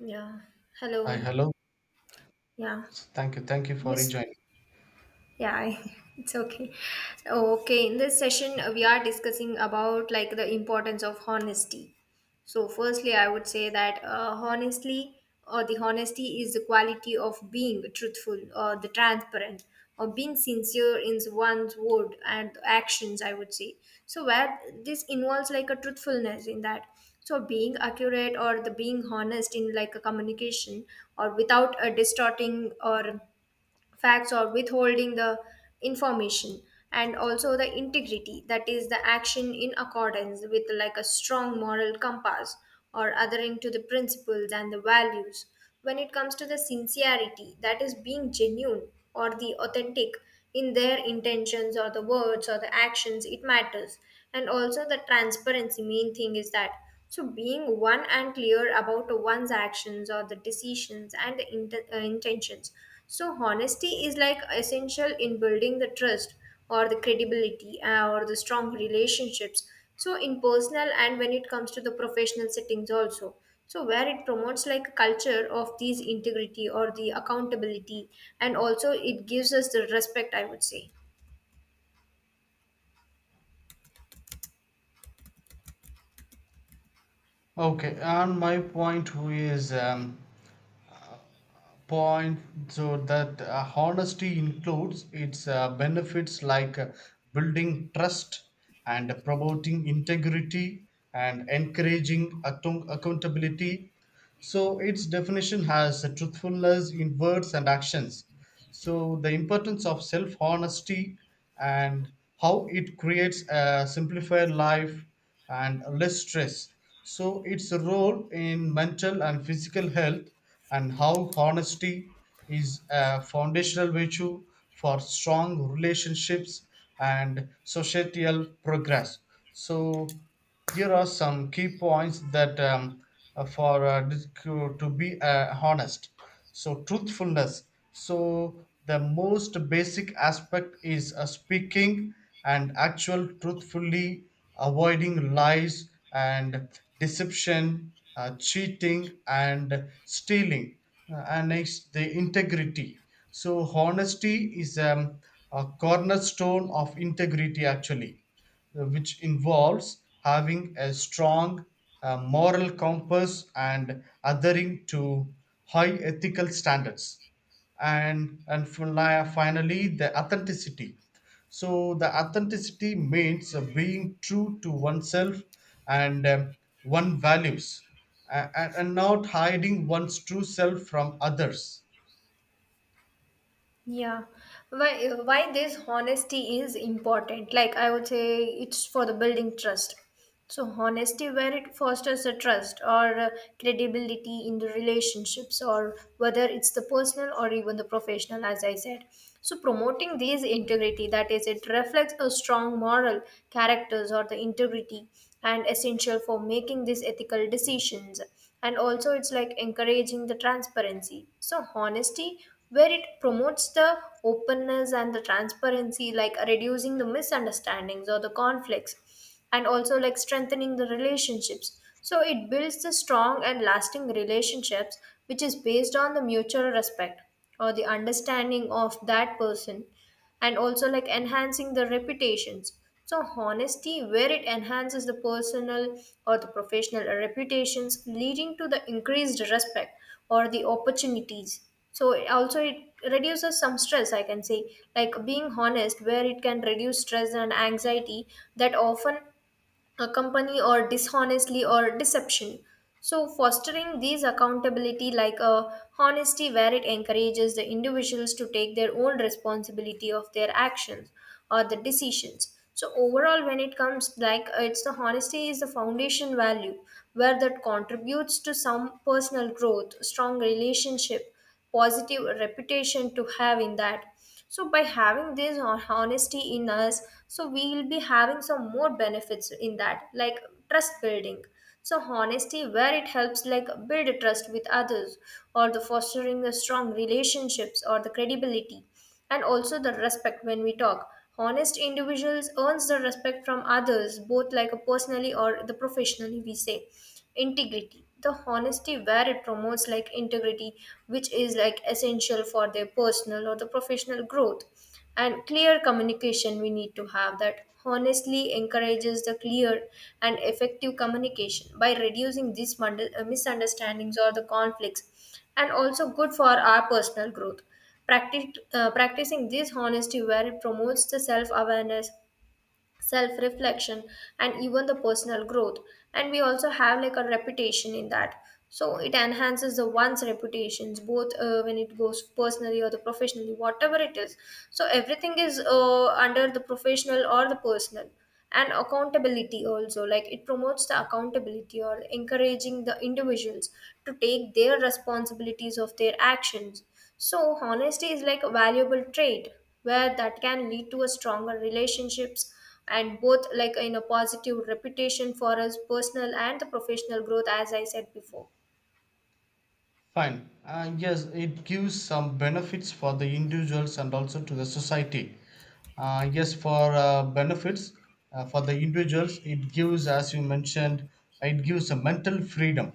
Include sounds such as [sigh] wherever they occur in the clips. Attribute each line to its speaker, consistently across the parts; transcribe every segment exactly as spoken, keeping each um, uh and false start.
Speaker 1: Yeah.
Speaker 2: Hi,
Speaker 1: Hello.
Speaker 2: hello.
Speaker 1: Yeah.
Speaker 2: Thank you, thank you for
Speaker 1: Yes.
Speaker 2: rejoining.
Speaker 1: Yeah, I, [laughs] it's okay. Okay, in this session uh, we are discussing about like the importance of honesty. So, firstly, I would say that uh, honestly, or the honesty is the quality of being truthful or the transparent or being sincere in one's word and actions, I would say so. Where this involves like a truthfulness in that. So being accurate or the being honest in like a communication or without a distorting or facts or withholding the information, and also the integrity, that is the action in accordance with like a strong moral compass or adhering to the principles and the values. When it comes to the sincerity, that is being genuine or the authentic in their intentions or the words or the actions, it matters. And also the transparency, main thing is that, so being one and clear about one's actions or the decisions and the int- uh, intentions. So honesty is like essential in building the trust or the credibility, uh, or the strong relationships, so in personal and when it comes to the professional settings also, so where it promotes like a culture of these integrity or the accountability, and also it gives us the respect, I would say.
Speaker 2: Okay, and my point is um, point so that uh, honesty includes its uh, benefits like uh, building trust and promoting integrity and encouraging account- accountability. So its definition has truthfulness in words and actions. So, the importance of self honesty and how it creates a simplified life and less stress. So, its role in mental and physical health, and how honesty is a foundational virtue for strong relationships and societal progress. So, here are some key points that um, uh, for uh, dis- to to be uh, honest. So truthfulness, so the most basic aspect is uh, speaking and actual truthfully, avoiding lies and deception, uh, cheating and stealing. Uh, and next, the integrity. So honesty is um, a cornerstone of integrity, actually, uh, which involves having a strong uh, moral compass and adhering to high ethical standards. And, and fin- finally, the authenticity. So, the authenticity means uh, being true to oneself and um, one values, a- and, and not hiding one's true self from others.
Speaker 1: Yeah, why why this honesty is important? Like I would say, it's for the building trust. So honesty, where it fosters a trust or uh, credibility in the relationships, or whether it's the personal or even the professional, as I said. So promoting these integrity, that is, it reflects a strong moral characters or the integrity, and essential for making these ethical decisions. And also, it's like encouraging the transparency. So honesty where it promotes the openness and the transparency, like reducing the misunderstandings or the conflicts, and also like strengthening the relationships. So it builds the strong and lasting relationships, which is based on the mutual respect or the understanding of that person, and also like enhancing the reputations. So honesty where it enhances the personal or the professional reputations, leading to the increased respect or the opportunities. So it also, it reduces some stress, I can say, like being honest, where it can reduce stress and anxiety that often accompany or dishonestly or deception. So fostering these accountability, like a honesty where it encourages the individuals to take their own responsibility of their actions or the decisions. So overall, when it comes like uh, it's the honesty is the foundation value where that contributes to some personal growth, strong relationship, positive reputation to have in that. So by having this hon- honesty in us, so we will be having some more benefits in that, like trust building. So honesty where it helps like build trust with others or the fostering the strong relationships or the credibility, and also the respect. When we talk, honest individuals earns the respect from others, both like a personally or the professionally, we say. Integrity, the honesty where it promotes like integrity, which is like essential for their personal or the professional growth. And clear communication we need to have, that honestly encourages the clear and effective communication by reducing these mund- uh, misunderstandings or the conflicts, and also good for our personal growth. Practic- uh, practicing this honesty where it promotes the self-awareness, self-reflection, and even the personal growth. And we also have like a reputation in that, so it enhances the one's reputations, both uh, when it goes personally or the professionally, whatever it is. So everything is uh, under the professional or the personal. And accountability also, like it promotes the accountability or encouraging the individuals to take their responsibilities of their actions. So, honesty is like a valuable trait where that can lead to a stronger relationships, and both like in a positive reputation for us, personal and the professional growth, as I said before.
Speaker 2: Fine. Uh, yes, it gives some benefits for the individuals and also to the society. Uh, yes, for uh, benefits uh, for the individuals, it gives, as you mentioned, it gives a mental freedom.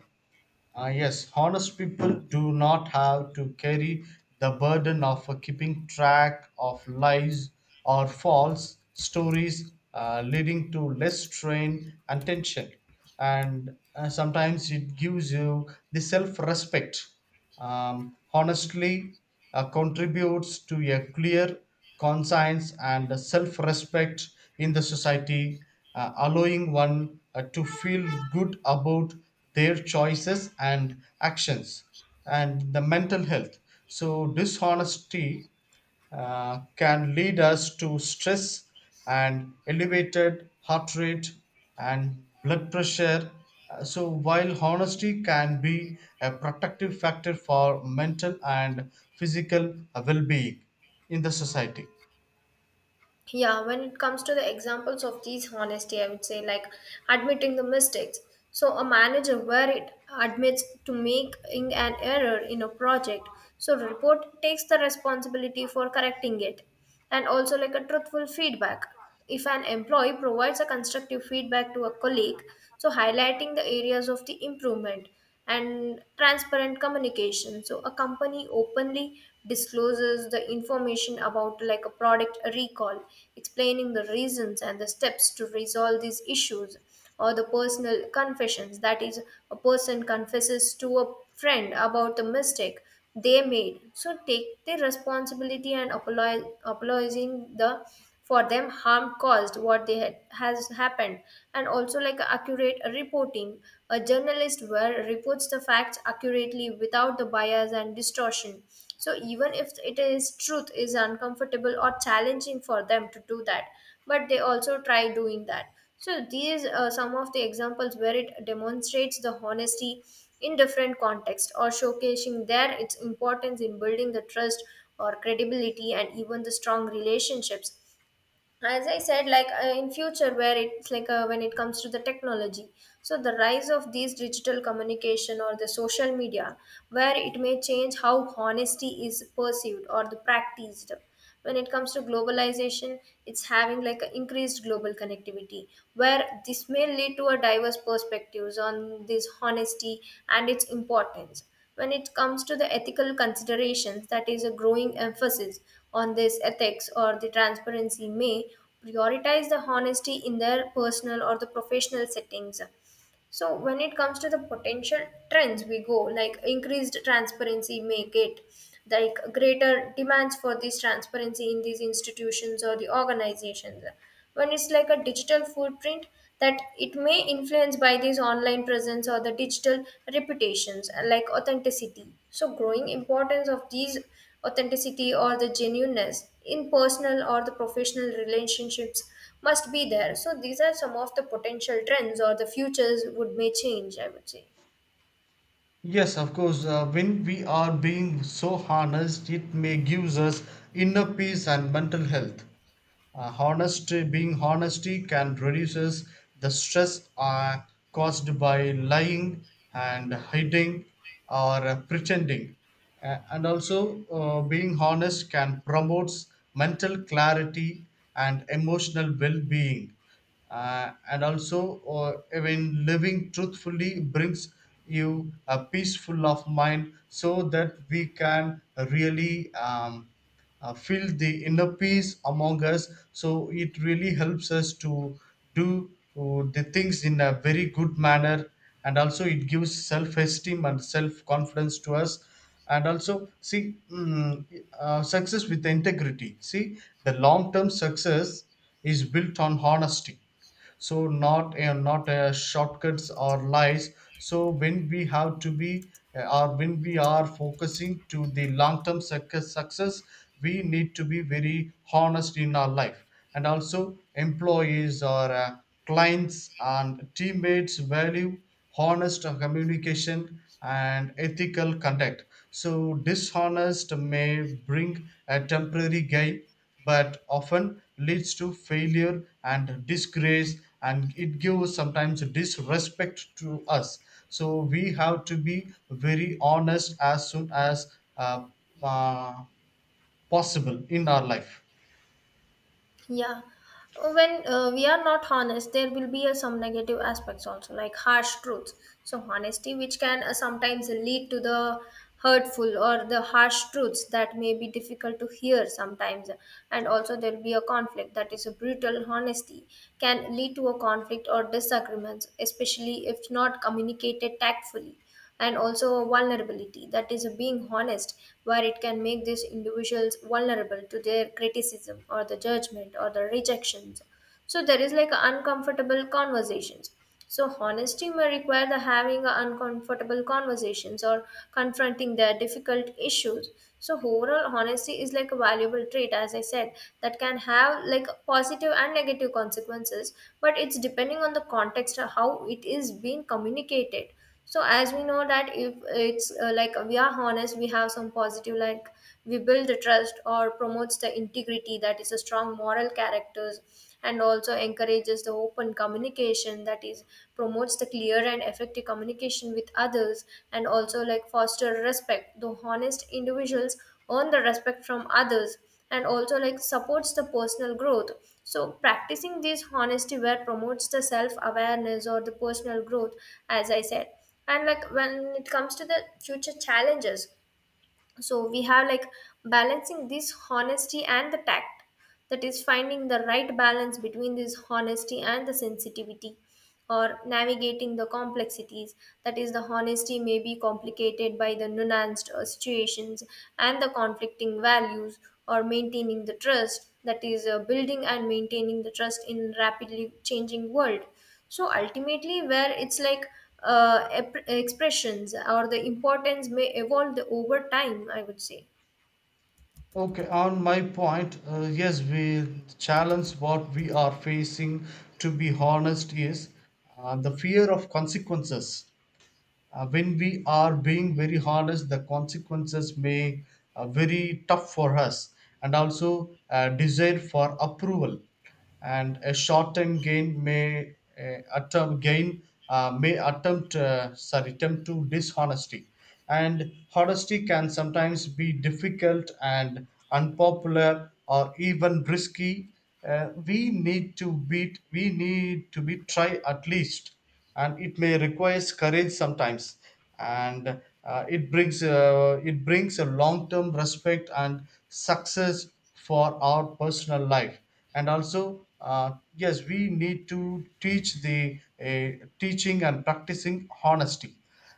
Speaker 2: Uh, yes, honest people do not have to carry the burden of uh, keeping track of lies or false stories, uh, leading to less strain and tension. And uh, sometimes it gives you the self respect. Um, honestly uh, contributes to a clear conscience and self respect in the society, uh, allowing one uh, to feel good about their choices and actions and the mental health. So, dishonesty uh, can lead us to stress and elevated heart rate and blood pressure. Uh, So, while honesty can be a protective factor for mental and physical well being in the society.
Speaker 1: Yeah, when it comes to the examples of these honesty, I would say like admitting the mistakes. So a manager where it admits to making an error in a project, so report takes the responsibility for correcting it. And also like a truthful feedback, if an employee provides a constructive feedback to a colleague, so highlighting the areas of the improvement. And transparent communication, so a company openly discloses the information about like a product recall, explaining the reasons and the steps to resolve these issues. Or the personal confessions, that is a person confesses to a friend about the mistake they made, so take the responsibility and apolo- apologizing the for them harm caused what they had has happened. And also like accurate reporting, a journalist where reports the facts accurately without the bias and distortion, so even if it is truth is uncomfortable or challenging for them to do that, but they also try doing that. So these are some of the examples where it demonstrates the honesty in different contexts or showcasing their its importance in building the trust or credibility and even the strong relationships, as I said. Like uh, in future where it's like, uh, when it comes to the technology, so the rise of these digital communication or the social media where it may change how honesty is perceived or the practiced. When it comes to globalization, it's having like an increased global connectivity where this may lead to a diverse perspectives on this honesty and its importance. When it comes to the ethical considerations, that is a growing emphasis on this ethics or the transparency may prioritize the honesty in their personal or the professional settings. So when it comes to the potential trends, we go like increased transparency may get like greater demands for this transparency in these institutions or the organizations. When it's like a digital footprint, that it may influence by this online presence or the digital reputations. Uh, like authenticity, so growing importance of these authenticity or the genuineness in personal or the professional relationships must be there. So these are some of the potential trends or the futures would may change, I would say.
Speaker 2: Yes, of course, uh, when we are being so honest, it may gives us inner peace and mental health. Uh, honesty, being honesty can reduces the stress uh, caused by lying and hiding or uh, pretending. Uh, and also, uh, being honest can promotes mental clarity and emotional well-being, uh, and also uh, even living truthfully brings you a peaceful of mind, so that we can really um, uh, feel the inner peace among us, so it really helps us to do uh, the things in a very good manner. And also it gives self-esteem and self-confidence to us, and also see mm, uh, success with integrity. See, the long-term success is built on honesty, so not uh, not uh, shortcuts or lies. So when we have to be uh, or when we are focusing to the long term success success, we need to be very honest in our life. And also employees or uh, clients and teammates value honest communication and ethical conduct. So, dishonest may bring a temporary gain but often leads to failure and disgrace, and it gives sometimes disrespect to us. So we have to be very honest as soon as uh, uh, possible in our life.
Speaker 1: Yeah. When uh, we are not honest, there will be uh, some negative aspects also, like harsh truths. So, honesty, which can uh, sometimes lead to the hurtful or the harsh truths that may be difficult to hear sometimes. And also, there will be a conflict, that is a brutal honesty can lead to a conflict or disagreements, especially if not communicated tactfully. And also vulnerability, that is being honest where it can make these individuals vulnerable to their criticism or the judgment or the rejections. So there is like uncomfortable conversations, so honesty may require the having a uncomfortable conversations or confronting their difficult issues. So overall, honesty is like a valuable trait, as I said, that can have like positive and negative consequences, but it's depending on the context of how it is being communicated. So as we know that if it's uh, like we are honest, we have some positive, like we build the trust or promotes the integrity, that is a strong moral characters, and also encourages the open communication, that is promotes the clear and effective communication with others, and also like foster respect. The honest individuals earn the respect from others, and also like supports the personal growth. So practicing this honesty where promotes the self awareness or the personal growth, as I said. And like when it comes to the future challenges, so we have like balancing this honesty and the tact, that is finding the right balance between this honesty and the sensitivity, or navigating the complexities, that is the honesty may be complicated by the nuanced uh, situations and the conflicting values, or maintaining the trust, that is uh, building and maintaining the trust in rapidly changing world. So ultimately where it's like, uh, ep- expressions or the importance may evolve over time, I would say.
Speaker 2: Okay, on my point, uh, yes, we challenge what we are facing, to be honest, is uh, the fear of consequences. Uh, when we are being very honest, the consequences may uh, very tough for us, and also a desire for approval, and a short-term gain may uh, attempt gain uh, may attempt uh, sorry attempt to dishonesty, and honesty can sometimes be difficult and unpopular or even risky. Uh, we need to be we need to be try at least, and it may requires courage sometimes, and uh, it brings uh, it brings a long term respect and success for our personal life. And also uh, yes, we need to teach the uh, teaching and practicing honesty.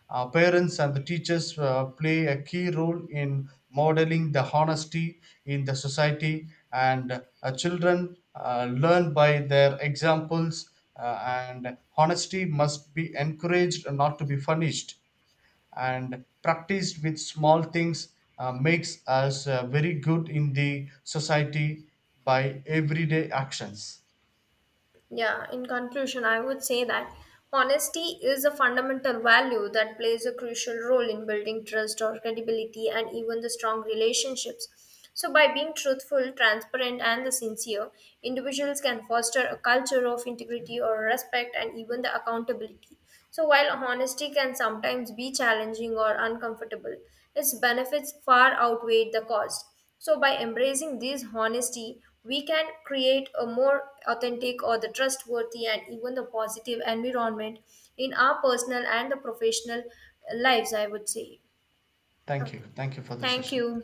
Speaker 2: uh, Parents and the teachers uh, play a key role in modeling the honesty in the society, and uh, children uh, learn by their examples. Uh, and Honesty must be encouraged, and not to be punished. And practiced with small things uh, makes us uh, very good in the society by everyday actions.
Speaker 1: Yeah, in conclusion, I would say that honesty is a fundamental value that plays a crucial role in building trust or credibility and even the strong relationships. So, by being truthful, transparent, and the sincere, individuals can foster a culture of integrity or respect and even the accountability. So, while honesty can sometimes be challenging or uncomfortable, its benefits far outweigh the cost. So, by embracing this honesty, we can create a more authentic or the trustworthy and even the positive environment in our personal and the professional lives, I would say.
Speaker 2: Thank you.
Speaker 1: Okay.
Speaker 2: Thank you for the
Speaker 1: Thank
Speaker 2: session.
Speaker 1: you.